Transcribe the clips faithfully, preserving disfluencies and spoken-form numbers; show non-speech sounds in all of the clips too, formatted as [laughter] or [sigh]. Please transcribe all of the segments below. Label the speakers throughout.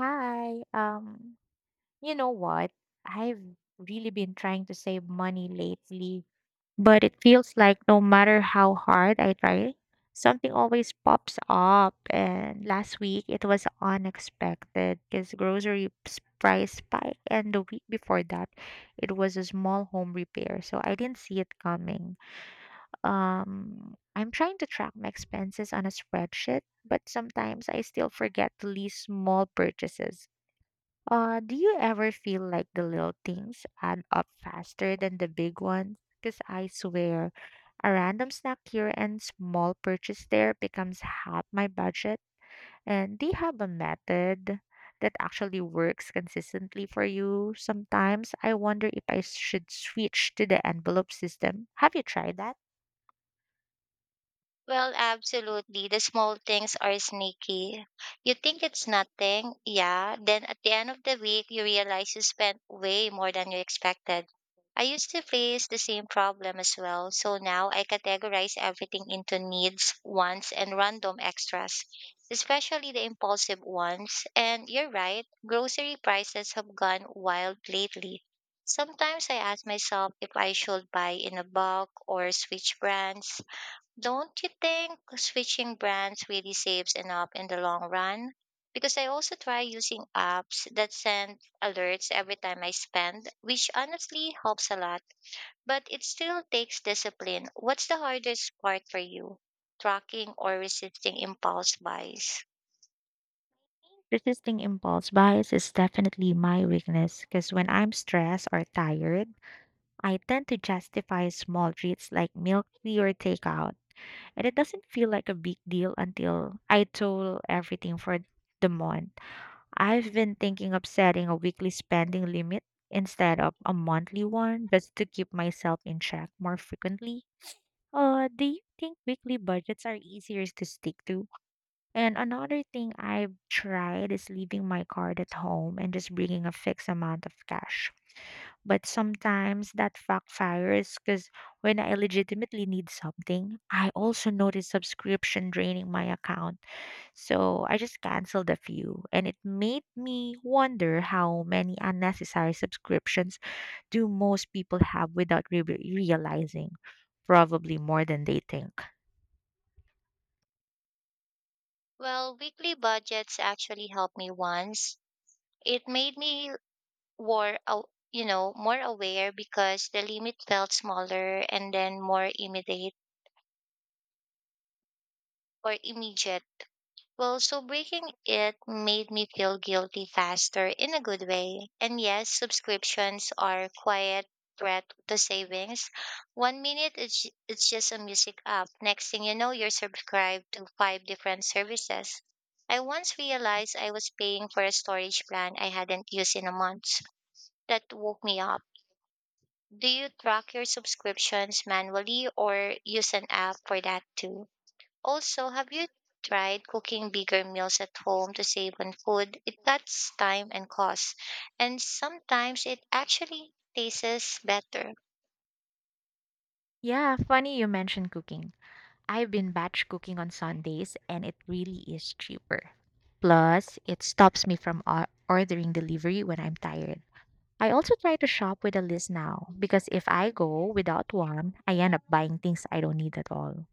Speaker 1: Hi. Um, you know what? I've really been trying to save money lately, but it feels like no matter how hard I try, something always pops up. And last week it was unexpected because grocery s- price spike, and the week before that, it was a small home repair, so I didn't see it coming. Um, I'm trying to track my expenses on a spreadsheet, but sometimes I still forget to list small purchases. Uh, do you ever feel like the little things add up faster than the big ones? Because I swear, a random snack here and small purchase there becomes half my budget. And do you have a method that actually works consistently for you? Sometimes I wonder if I should switch to the envelope system. Have you tried that?
Speaker 2: Well, absolutely. The small things are sneaky. You think it's nothing, yeah. Then at the end of the week, you realize you spent way more than you expected. I used to face the same problem as well, so now I categorize everything into needs, wants, and random extras, especially the impulsive ones. And you're right, grocery prices have gone wild lately. Sometimes I ask myself if I should buy in a bulk or switch brands. Don't you think switching brands really saves enough in the long run? Because I also try using apps that send alerts every time I spend, which honestly helps a lot, but it still takes discipline. What's the hardest part for you? Tracking or resisting impulse buys?
Speaker 1: Resisting impulse buys is definitely my weakness because when I'm stressed or tired, I tend to justify small treats like milk tea or takeout, and it doesn't feel like a big deal until I total everything for the month. I've been thinking of setting a weekly spending limit instead of a monthly one just to keep myself in check more frequently. Uh, do you think weekly budgets are easier to stick to? And another thing I've tried is leaving my card at home and just bringing a fixed amount of cash. But sometimes that backfires because when I legitimately need something, I also notice subscription draining my account. So I just canceled a few, and it made me wonder how many unnecessary subscriptions do most people have without re- realizing? Probably more than they think.
Speaker 2: Well, weekly budgets actually helped me once. It made me more, aw- you know, more aware because the limit felt smaller and then more immediate or immediate Well, so breaking it made me feel guilty faster in a good way. And yes, subscriptions are quiet threat to savings. One minute it's it's just a music app. Next thing you know, you're subscribed to five different services. I once realized I was paying for a storage plan I hadn't used in a month. That woke me up. Do you track your subscriptions manually or use an app for that too? Also, have you tried cooking bigger meals at home to save on food? It cuts time and cost, and sometimes it actually tastes better.
Speaker 1: Yeah, funny you mentioned cooking, I've been batch cooking on Sundays and it really is cheaper. Plus, it stops me from o- ordering delivery when I'm tired. I also try to shop with a list now because if I go without one, I end up buying things I don't need at all.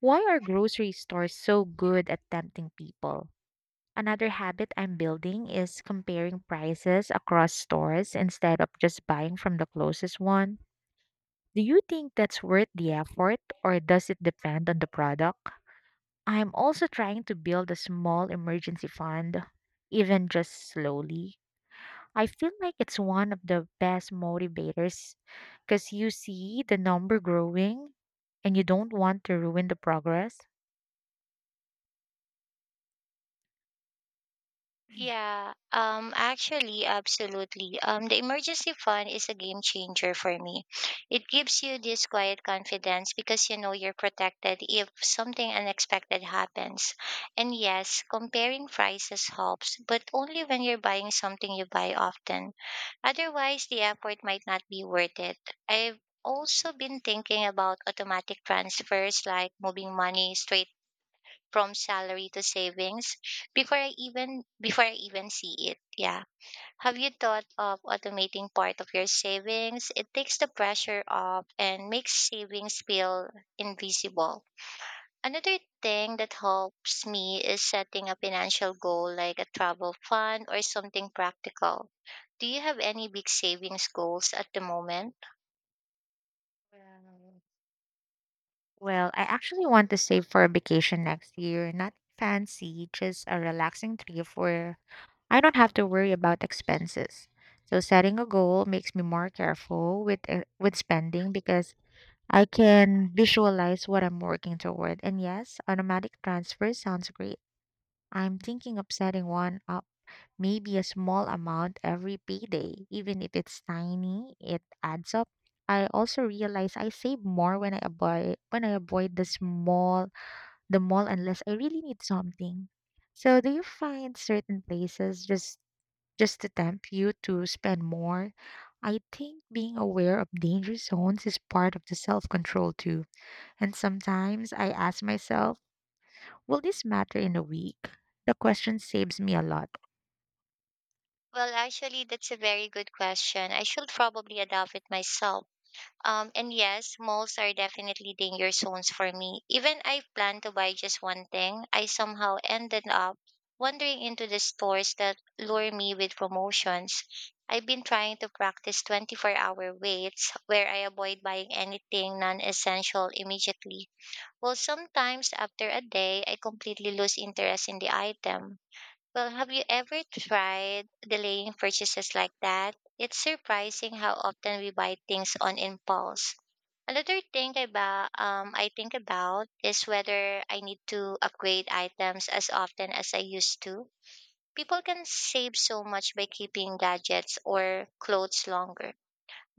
Speaker 1: Why are grocery stores so good at tempting people? Another habit I'm building is comparing prices across stores instead of just buying from the closest one. Do you think that's worth the effort or does it depend on the product? I'm also trying to build a small emergency fund, even just slowly. I feel like it's one of the best motivators because you see the number growing and you don't want to ruin the progress.
Speaker 2: Yeah, um actually absolutely. Um the emergency fund is a game changer for me. It gives you this quiet confidence because you know you're protected if something unexpected happens. And yes, comparing prices helps, but only when you're buying something you buy often. Otherwise, the effort might not be worth it. I've also been thinking about automatic transfers, like moving money straight from salary to savings before I even before I even see it. Yeah. Have you thought of automating part of your savings? It takes the pressure off and makes savings feel invisible. Another thing that helps me is setting a financial goal like a travel fund or something practical. Do you have any big savings goals at the moment?
Speaker 1: Well, well, I actually want to save for a vacation next year. Not fancy, just a relaxing trip where I don't have to worry about expenses. So setting a goal makes me more careful with uh, with spending because I can visualize what I'm working toward. And yes, automatic transfer sounds great. I'm thinking of setting one up, maybe a small amount every payday. Even if it's tiny, it adds up. I also realize I save more when I avoid when I avoid the small the mall unless I really need something. So do you find certain places just just to tempt you to spend more? I think being aware of danger zones is part of the self control too. And sometimes I ask myself, will this matter in a week? The question saves me a lot.
Speaker 2: Well, actually, that's a very good question. I should probably adopt it myself. Um, and yes, malls are definitely danger zones for me. Even I planned to buy just one thing, I somehow ended up wandering into the stores that lure me with promotions. I've been trying to practice twenty-four hour waits where I avoid buying anything non essential immediately. Well, sometimes after a day, I completely lose interest in the item. Well, have you ever tried delaying purchases like that? It's surprising how often we buy things on impulse. Another thing about um I think about is whether I need to upgrade items as often as I used to. People can save so much by keeping gadgets or clothes longer.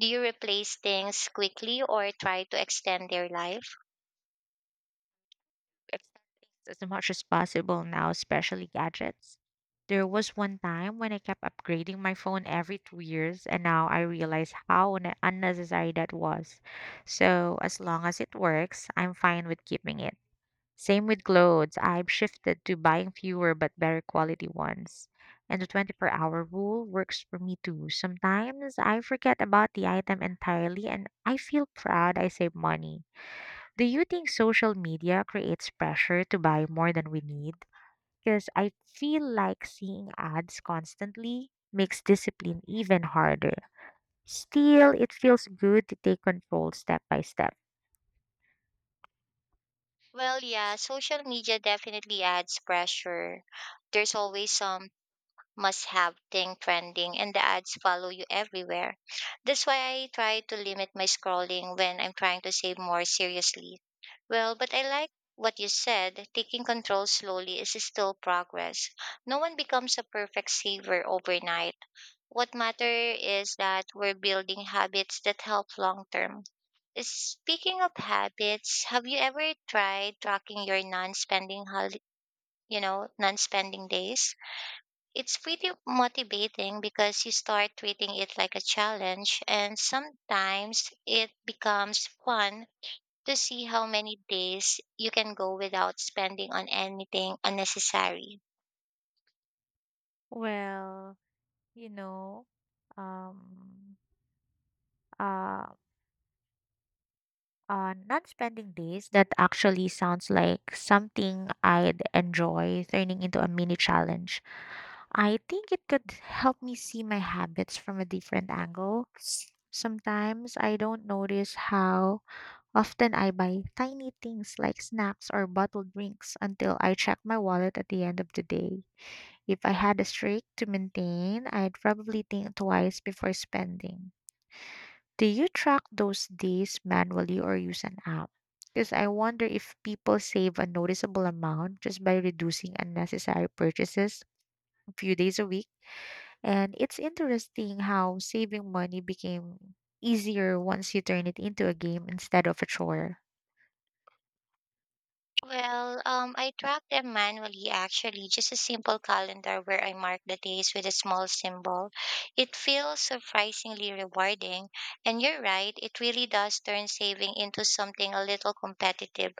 Speaker 2: Do you replace things quickly or try to extend their life?
Speaker 1: It's as much as possible now, especially gadgets. There was one time when I kept upgrading my phone every two years, and now I realize how un- unnecessary that was. So, as long as it works, I'm fine with keeping it. Same with clothes. I've shifted to buying fewer but better quality ones. And the twenty-four hour rule works for me too. Sometimes I forget about the item entirely and I feel proud I saved money. Do you think social media creates pressure to buy more than we need? Because I feel like seeing ads constantly makes discipline even harder. Still, it feels good to take control step by step.
Speaker 2: Well, yeah, social media definitely adds pressure. There's always some must have thing trending and the ads follow you everywhere. That's why I try to limit my scrolling when I'm trying to save more seriously. Well, but I like what you said. Taking control slowly is still progress. No one becomes a perfect saver overnight. What matters is that we're building habits that help long term. Speaking of habits, have you ever tried tracking your non-spending hol- you know, non-spending days? It's pretty motivating because you start treating it like a challenge, and sometimes it becomes fun to see how many days you can go without spending on anything unnecessary.
Speaker 1: Well, you know, um, uh, uh, Not spending days, that actually sounds like something I'd enjoy turning into a mini challenge. I think it could help me see my habits from a different angle. Sometimes I don't notice how often I buy tiny things like snacks or bottled drinks until I check my wallet at the end of the day. If I had a streak to maintain, I'd probably think twice before spending. Do you track those days manually or use an app? Because I wonder if people save a noticeable amount just by reducing unnecessary purchases a few days a week. And it's interesting how saving money became easier once you turn it into a game instead of a chore.
Speaker 2: Well, um, I track them manually actually, just a simple calendar where I mark the days with a small symbol. It feels surprisingly rewarding, and you're right, it really does turn saving into something a little competitive,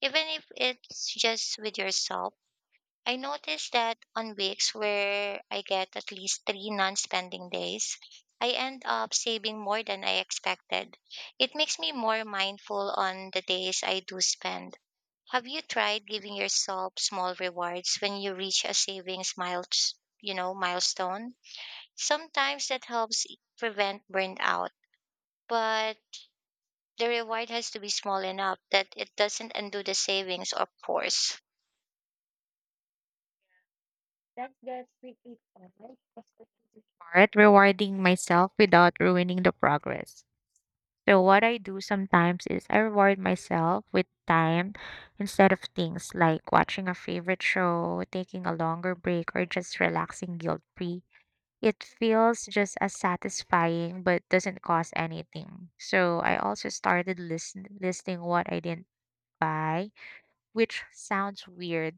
Speaker 2: even if it's just with yourself. I noticed that on weeks where I get at least three non spending days, I end up saving more than I expected. It makes me more mindful on the days I do spend. Have you tried giving yourself small rewards when you reach a savings mile, you know, milestone? Sometimes that helps e, prevent burnout, but the reward has to be small enough that it doesn't undo the savings, of course.
Speaker 1: That's the tricky part. That's the tricky part, rewarding myself without ruining the progress. So what I do sometimes is I reward myself with time instead of things, like watching a favorite show, taking a longer break, or just relaxing guilt-free. It feels just as satisfying but doesn't cost anything. So I also started listen- listing what I didn't buy, which sounds weird,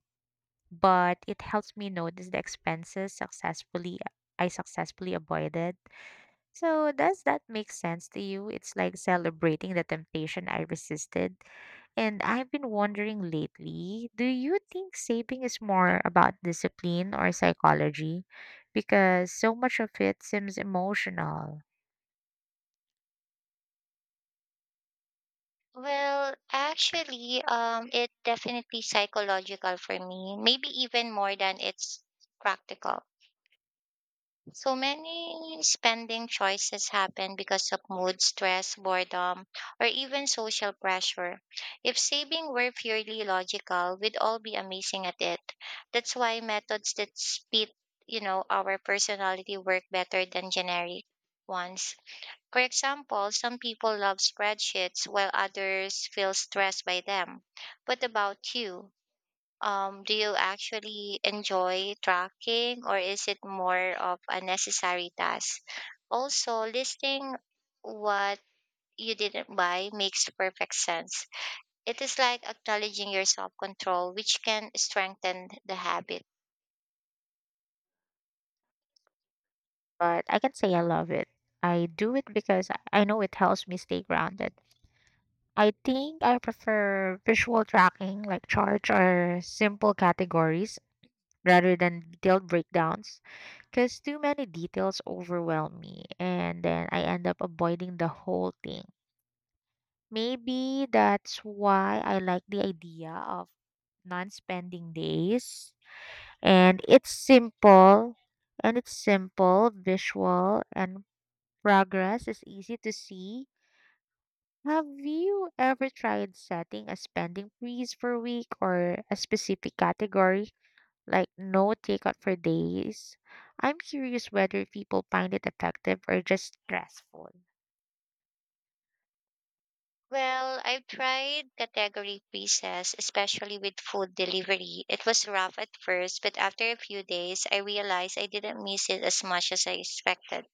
Speaker 1: but it helps me notice the expenses successfully I successfully avoided. So, does that make sense to you? It's like celebrating the temptation I resisted. And I've been wondering lately, do you think saving is more about discipline or psychology? Because so much of it seems emotional.
Speaker 2: Well, actually, um, it definitely psychological for me, maybe even more than it's practical. So many spending choices happen because of mood, stress, boredom, or even social pressure. If saving were purely logical, we'd all be amazing at it. That's why methods that fit, you know, our personality work better than generic ones. For example, some people love spreadsheets while others feel stressed by them. What about you? Um, do you actually enjoy tracking or is it more of a necessary task? Also, listing what you didn't buy makes perfect sense. It is like acknowledging your self control, which can strengthen the habit.
Speaker 1: But I can say I love it. I do it because I I know it helps me stay grounded. I think I prefer visual tracking like charts or simple categories rather than detailed breakdowns. Because too many details overwhelm me, and then I end up avoiding the whole thing. Maybe that's why I like the idea of non spending days. And it's simple, and it's simple, visual, and progress is easy to see. Have you ever tried setting a spending freeze for a week or a specific category? Like no takeout for days. I'm curious whether people find it effective or just stressful.
Speaker 2: Well, I've tried category pieces, especially with food delivery. It was rough at first, but after a few days, I realized I didn't miss it as much as I expected.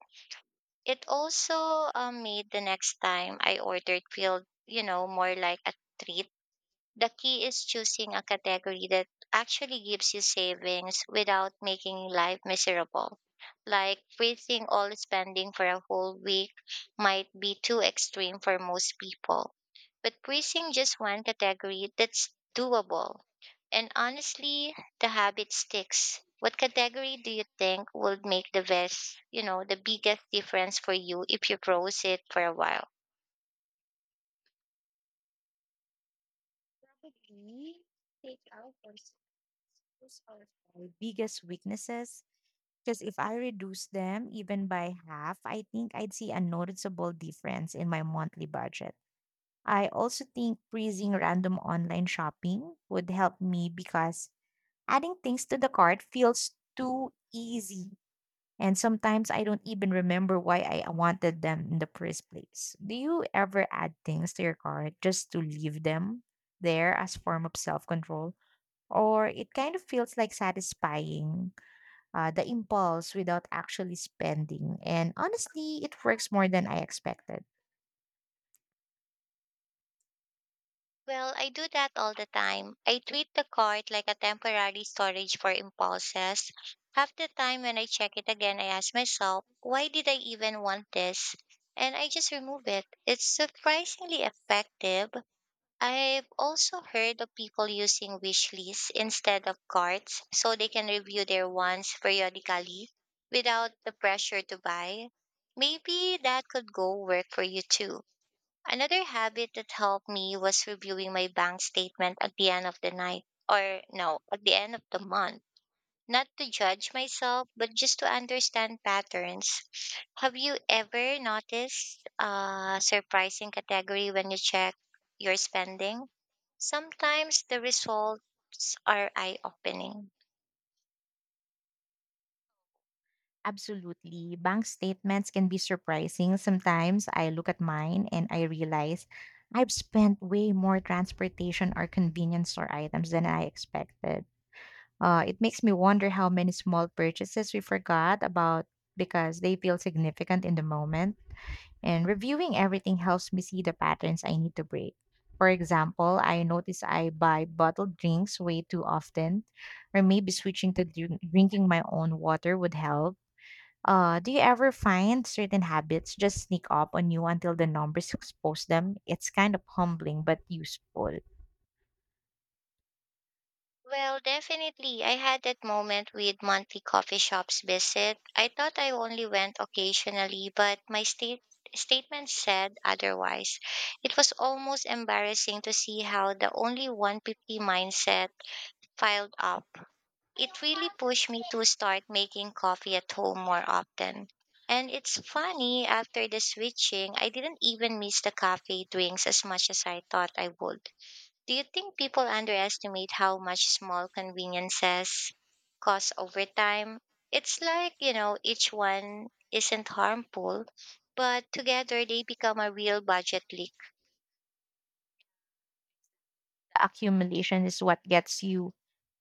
Speaker 2: It also uh, made the next time I ordered feel, you know, more like a treat. The key is choosing a category that actually gives you savings without making life miserable. Like freezing all spending for a whole week might be too extreme for most people. But freezing just one category, that's doable. And honestly, the habit sticks. What category do you think would make the best, you know, the biggest difference for you if you froze it for a while?
Speaker 1: Probably take out, or those are my biggest weaknesses. Because if I reduce them even by half, I think I'd see a noticeable difference in my monthly budget. I also think freezing random online shopping would help me because adding things to the cart feels too easy. And sometimes I don't even remember why I wanted them in the first place. Do you ever add things to your cart just to leave them there as form of self-control? Or it kind of feels like satisfying uh, the impulse without actually spending. And honestly, it works more than I expected.
Speaker 2: Well, I do that all the time. I treat the cart like a temporary storage for impulses. Half the time when I check it again, I ask myself, why did I even want this? And I just remove it. It's surprisingly effective. I've also heard of people using wish lists instead of cards so they can review their wants periodically without the pressure to buy. Maybe that could go work for you too. Another habit that helped me was reviewing my bank statement at the end of the night, or no, at the end of the month. Not to judge myself, but just to understand patterns. Have you ever noticed a surprising category when you check your spending? Sometimes the results are eye opening.
Speaker 1: Absolutely. Bank statements can be surprising. Sometimes I look at mine and I realize I've spent way more transportation or convenience store items than I expected. Uh, it makes me wonder how many small purchases we forgot about because they feel significant in the moment. And reviewing everything helps me see the patterns I need to break. For example, I notice I buy bottled drinks way too often, or maybe switching to drink- drinking my own water would help. Uh, do you ever find certain habits just sneak up on you until the numbers expose them? It's kind of humbling but useful.
Speaker 2: Well, definitely. I had that moment with monthly coffee shops visit. I thought I only went occasionally, but my state statement said otherwise. It was almost embarrassing to see how the only one hundred fifty mindset piled up. It really pushed me to start making coffee at home more often. And it's funny, after the switching, I didn't even miss the cafe drinks as much as I thought I would. Do you think people underestimate how much small conveniences cost over time? It's like, you know, each one isn't harmful, but together they become a real budget leak.
Speaker 1: The accumulation is what gets you.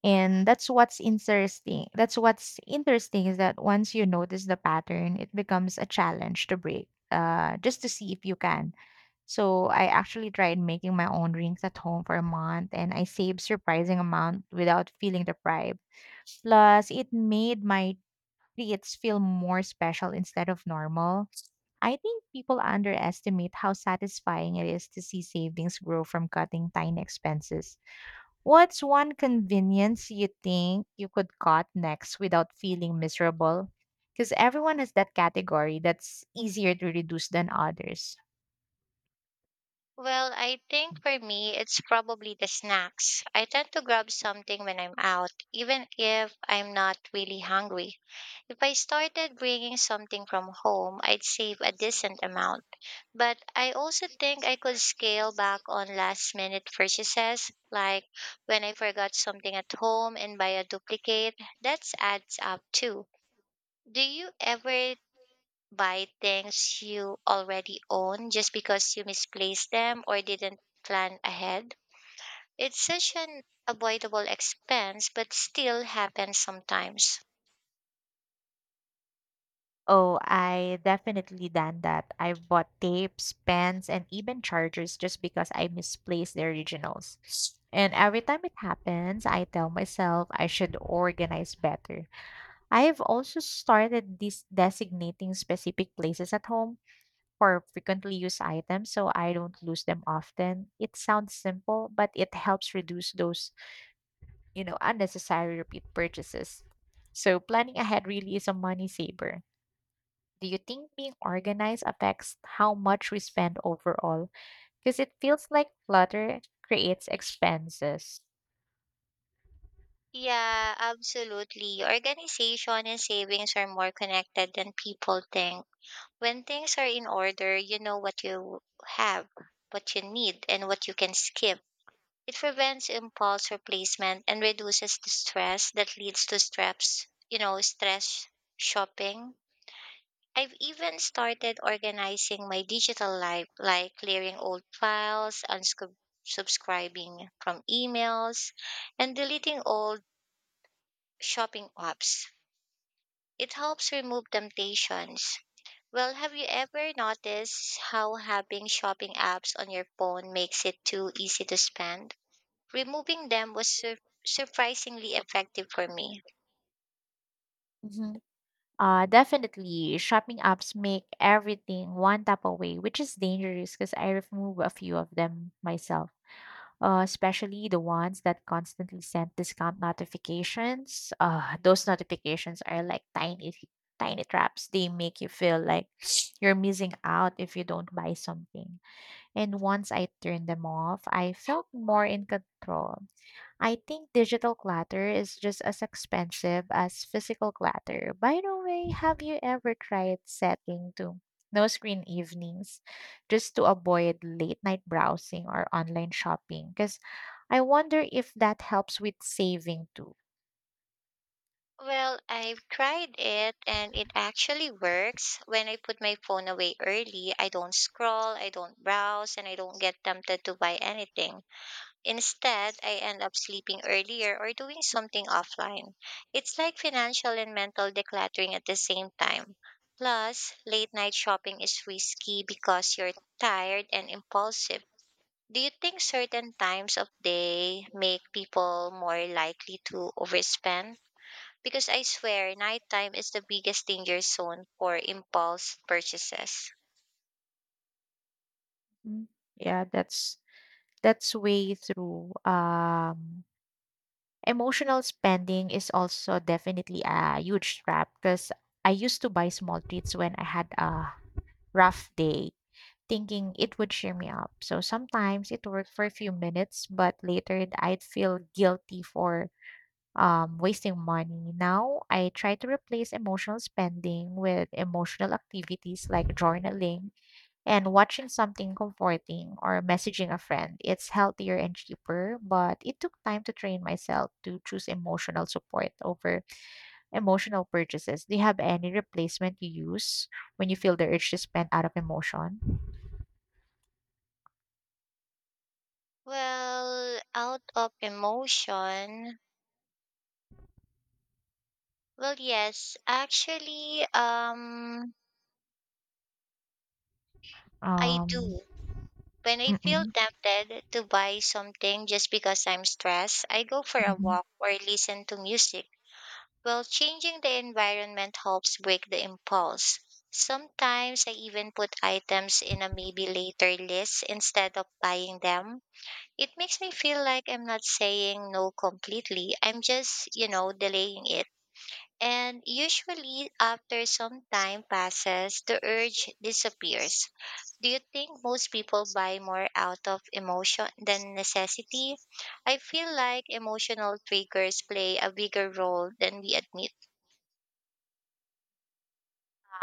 Speaker 1: And that's what's interesting. That's what's interesting is that once you notice the pattern, it becomes a challenge to break, uh, just to see if you can. So I actually tried making my own rings at home for a month, and I saved surprising amount without feeling deprived. Plus, it made my creates feel more special instead of normal. I think people underestimate how satisfying it is to see savings grow from cutting tiny expenses. What's one convenience you think you could cut next without feeling miserable? Because everyone has that category that's easier to reduce than others.
Speaker 2: Well, I think for me, it's probably the snacks. I tend to grab something when I'm out, even if I'm not really hungry. If I started bringing something from home, I'd save a decent amount. But I also think I could scale back on last minute purchases, like when I forgot something at home and buy a duplicate. That adds up too. Do you ever buy things you already own just because you misplaced them or didn't plan ahead? It's such an avoidable expense, but still happens sometimes.
Speaker 1: Oh, I definitely done that. I've bought tapes, pens, and even chargers just because I misplaced the originals. And every time it happens, I tell myself I should organize better. I have also started this designating specific places at home for frequently used items so I don't lose them often. It sounds simple, but it helps reduce those, you know, unnecessary repeat purchases. So planning ahead really is a money saver. Do you think being organized affects how much we spend overall? Because it feels like clutter creates expenses.
Speaker 2: Yeah, absolutely. Organization and savings are more connected than people think. When things are in order, you know what you have, what you need, and what you can skip. It prevents impulse replacement and reduces the stress that leads to stress, you know, stress shopping. I've even started organizing my digital life, like clearing old files, unsubscribing from emails, and deleting old shopping apps. It helps remove temptations. Well, have you ever noticed how having shopping apps on your phone makes it too easy to spend? Removing them was sur- surprisingly effective for me.
Speaker 1: Hmm. Uh, definitely, shopping apps make everything one tap away, which is dangerous because I remove a few of them myself. Uh, especially the ones that constantly send discount notifications. Uh, those notifications are like tiny, tiny traps. They make you feel like [sniffs] you're missing out if you don't buy something. And once I turned them off, I felt more in control. I think digital clutter is just as expensive as physical clutter. By the way, have you ever tried setting to no screen evenings just to avoid late night browsing or online shopping? Because I wonder if that helps with saving too.
Speaker 2: Well, I've tried it and it actually works. When I put my phone away early, I don't scroll, I don't browse, and I don't get tempted to buy anything. Instead, I end up sleeping earlier or doing something offline. It's like financial and mental decluttering at the same time. Plus, late night shopping is risky because you're tired and impulsive. Do you think certain times of day make people more likely to overspend? Because I swear, nighttime is the biggest danger zone for impulse purchases.
Speaker 1: Mm, yeah, that's that's way through. Um, Emotional spending is also definitely a huge trap because I used to buy small treats when I had a rough day, thinking it would cheer me up. So sometimes it worked for a few minutes, but later I'd feel guilty for um, wasting money. Now I try to replace emotional spending with emotional activities like journaling and watching something comforting or messaging a friend. It's healthier and cheaper, but it took time to train myself to choose emotional support over emotional purchases. Do you have any replacement you use when you feel the urge to spend out of emotion?
Speaker 2: Well, out of emotion, Well, yes, actually, um, I
Speaker 1: Um,
Speaker 2: do. When I feel
Speaker 1: mm-mm,
Speaker 2: tempted to buy something just because I'm stressed, I go for a
Speaker 1: mhm.
Speaker 2: walk or listen to music. Well, changing the environment helps break the impulse. Sometimes I even put items in a maybe later list instead of buying them. It makes me feel like I'm not saying no completely. I'm just, you know, delaying it. And usually, after some time passes, the urge disappears. Do you think most people buy more out of emotion than necessity? I feel like emotional triggers play a bigger role than we admit.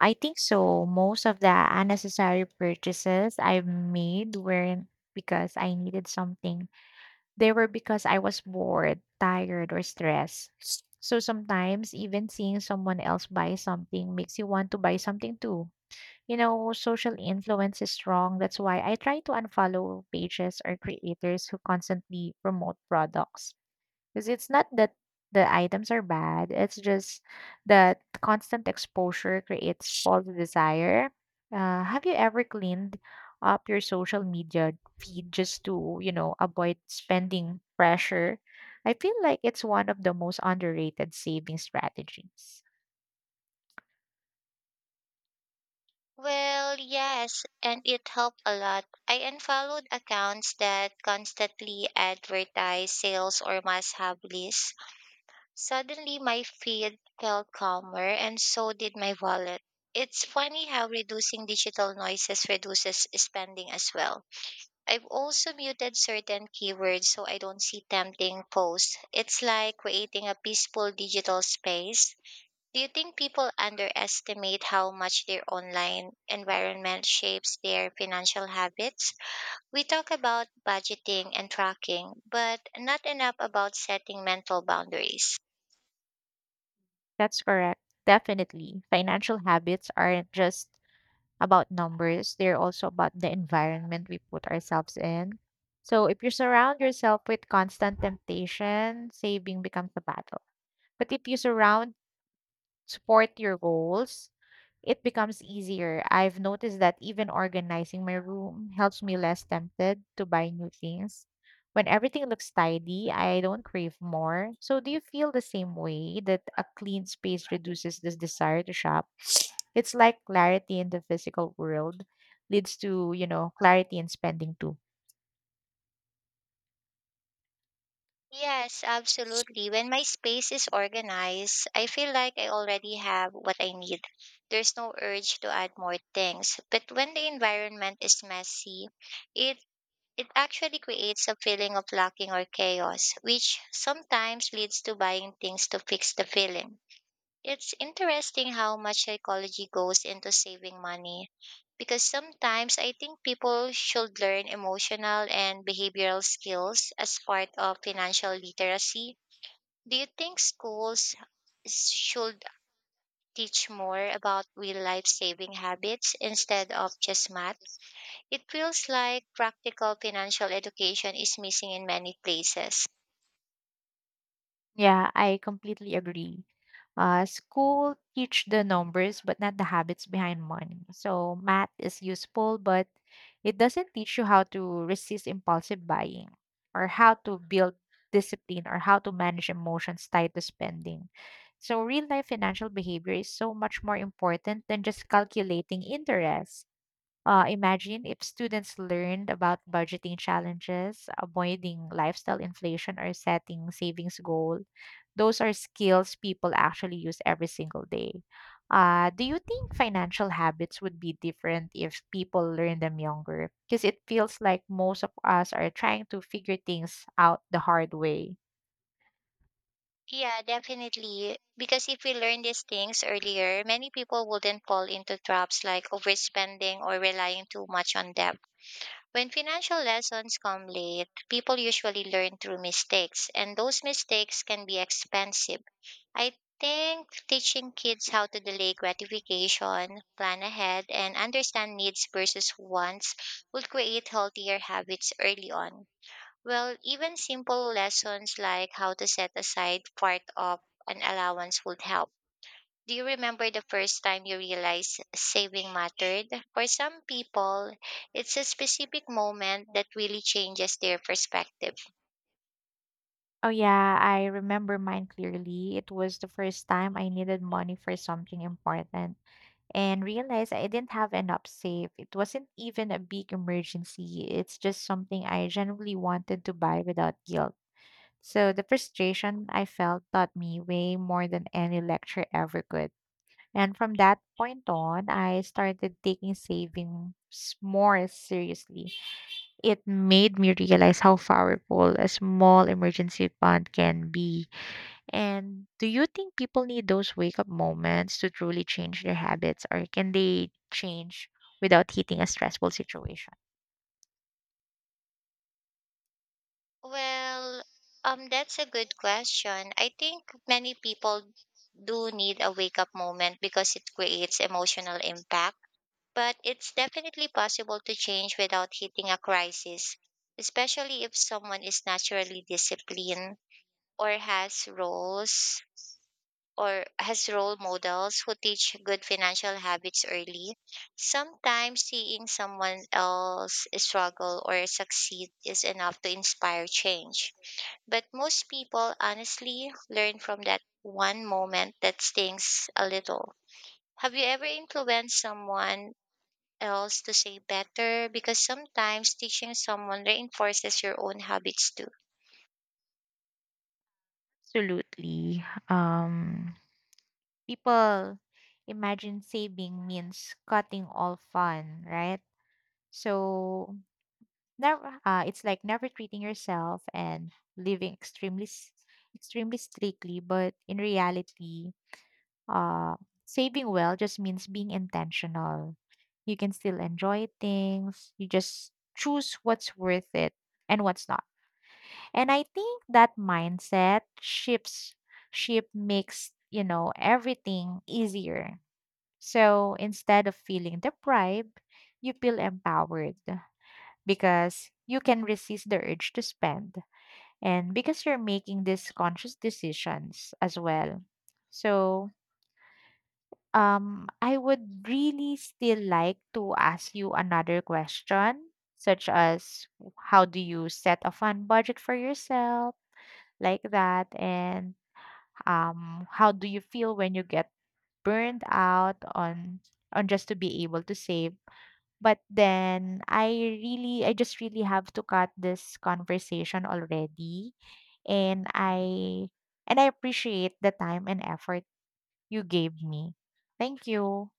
Speaker 1: I think so. Most of the unnecessary purchases I've made weren't because I needed something. They were because I was bored, tired, or stressed. So sometimes even seeing someone else buy something makes you want to buy something too. You know, social influence is strong. That's why I try to unfollow pages or creators who constantly promote products. Because it's not that the items are bad, it's just that constant exposure creates false desire. Uh, have you ever cleaned up your social media feed just to, you know, avoid spending pressure? I feel like it's one of the most underrated saving strategies.
Speaker 2: Well, yes, and it helped a lot. I unfollowed accounts that constantly advertise sales or must have lists. Suddenly, my feed felt calmer, and so did my wallet. It's funny how reducing digital noises reduces spending as well. I've also muted certain keywords so I don't see tempting posts. It's like creating a peaceful digital space. Do you think people underestimate how much their online environment shapes their financial habits? We talk about budgeting and tracking, but not enough about setting mental boundaries.
Speaker 1: That's correct. Definitely. Financial habits aren't just about numbers, they're also about the environment we put ourselves in. So if you surround yourself with constant temptation, saving becomes a battle. But if you surround support your goals, it becomes easier. I've noticed that even organizing my room helps me less tempted to buy new things. When everything looks tidy, I don't crave more. So do you feel the same way that a clean space reduces this desire to shop? It's like clarity in the physical world leads to, you know, clarity in spending too.
Speaker 2: Yes, absolutely. When my space is organized, I feel like I already have what I need. There's no urge to add more things. But when the environment is messy, it it actually creates a feeling of lacking or chaos, which sometimes leads to buying things to fix the feeling. It's interesting how much psychology goes into saving money because sometimes I think people should learn emotional and behavioral skills as part of financial literacy. Do you think schools s- should teach more about real life saving habits instead of just math? It feels like practical financial education is missing in many places.
Speaker 1: Yeah, I completely agree. Uh, school teach the numbers, but not the habits behind money. So math is useful, but it doesn't teach you how to resist impulsive buying or how to build discipline or how to manage emotions tied to spending. So real life financial behavior is so much more important than just calculating interest. Uh, imagine if students learned about budgeting challenges, avoiding lifestyle inflation, or setting savings goal. Those are skills people actually use every single day. Uh, do you think financial habits would be different if people learn them younger? Because it feels like most of us are trying to figure things out the hard way.
Speaker 2: Yeah, definitely. Because if we learn these things earlier, many people wouldn't fall into traps like overspending or relying too much on debt. When financial lessons come late, people usually learn through mistakes, and those mistakes can be expensive. I think teaching kids how to delay gratification, plan ahead, and understand needs versus wants would create healthier habits early on. Well, even simple lessons like how to set aside part of an allowance would help. Do you remember the first time you realized saving mattered? For some people, it's a specific moment that really changes their perspective.
Speaker 1: Oh yeah, I remember mine clearly. It was the first time I needed money for something important, and realized I didn't have enough saved. It wasn't even a big emergency, it's just something I genuinely wanted to buy without guilt. So the frustration I felt taught me way more than any lecture ever could. And from that point on, I started taking savings more seriously. It made me realize how powerful a small emergency fund can be. And do you think people need those wake up moments to truly change their habits, or can they change without hitting a stressful situation?
Speaker 2: Well, um, that's a good question. I think many people do need a wake up moment because it creates emotional impact. But it's definitely possible to change without hitting a crisis, especially if someone is naturally disciplined or has roles or has role models who teach good financial habits early. Sometimes seeing someone else struggle or succeed is enough to inspire change. But most people honestly learn from that one moment that stings a little. Have you ever influenced someone else to say better because sometimes teaching someone reinforces your own habits too.
Speaker 1: Absolutely. Um, people imagine saving means cutting all fun, right? So never, uh, it's like never treating yourself and living extremely, s- extremely strictly. But in reality, uh, saving well just means being intentional. You can still enjoy things. You just choose what's worth it and what's not. And I think that mindset shifts ship makes, you know, everything easier. So instead of feeling deprived, you feel empowered because you can resist the urge to spend and because you're making these conscious decisions as well. So Um, I would really still like to ask you another question, such as how do you set a fun budget for yourself, like that, and um, how do you feel when you get burned out on on just to be able to save? But then I really, I just really have to cut this conversation already, and I and I appreciate the time and effort you gave me. Thank you.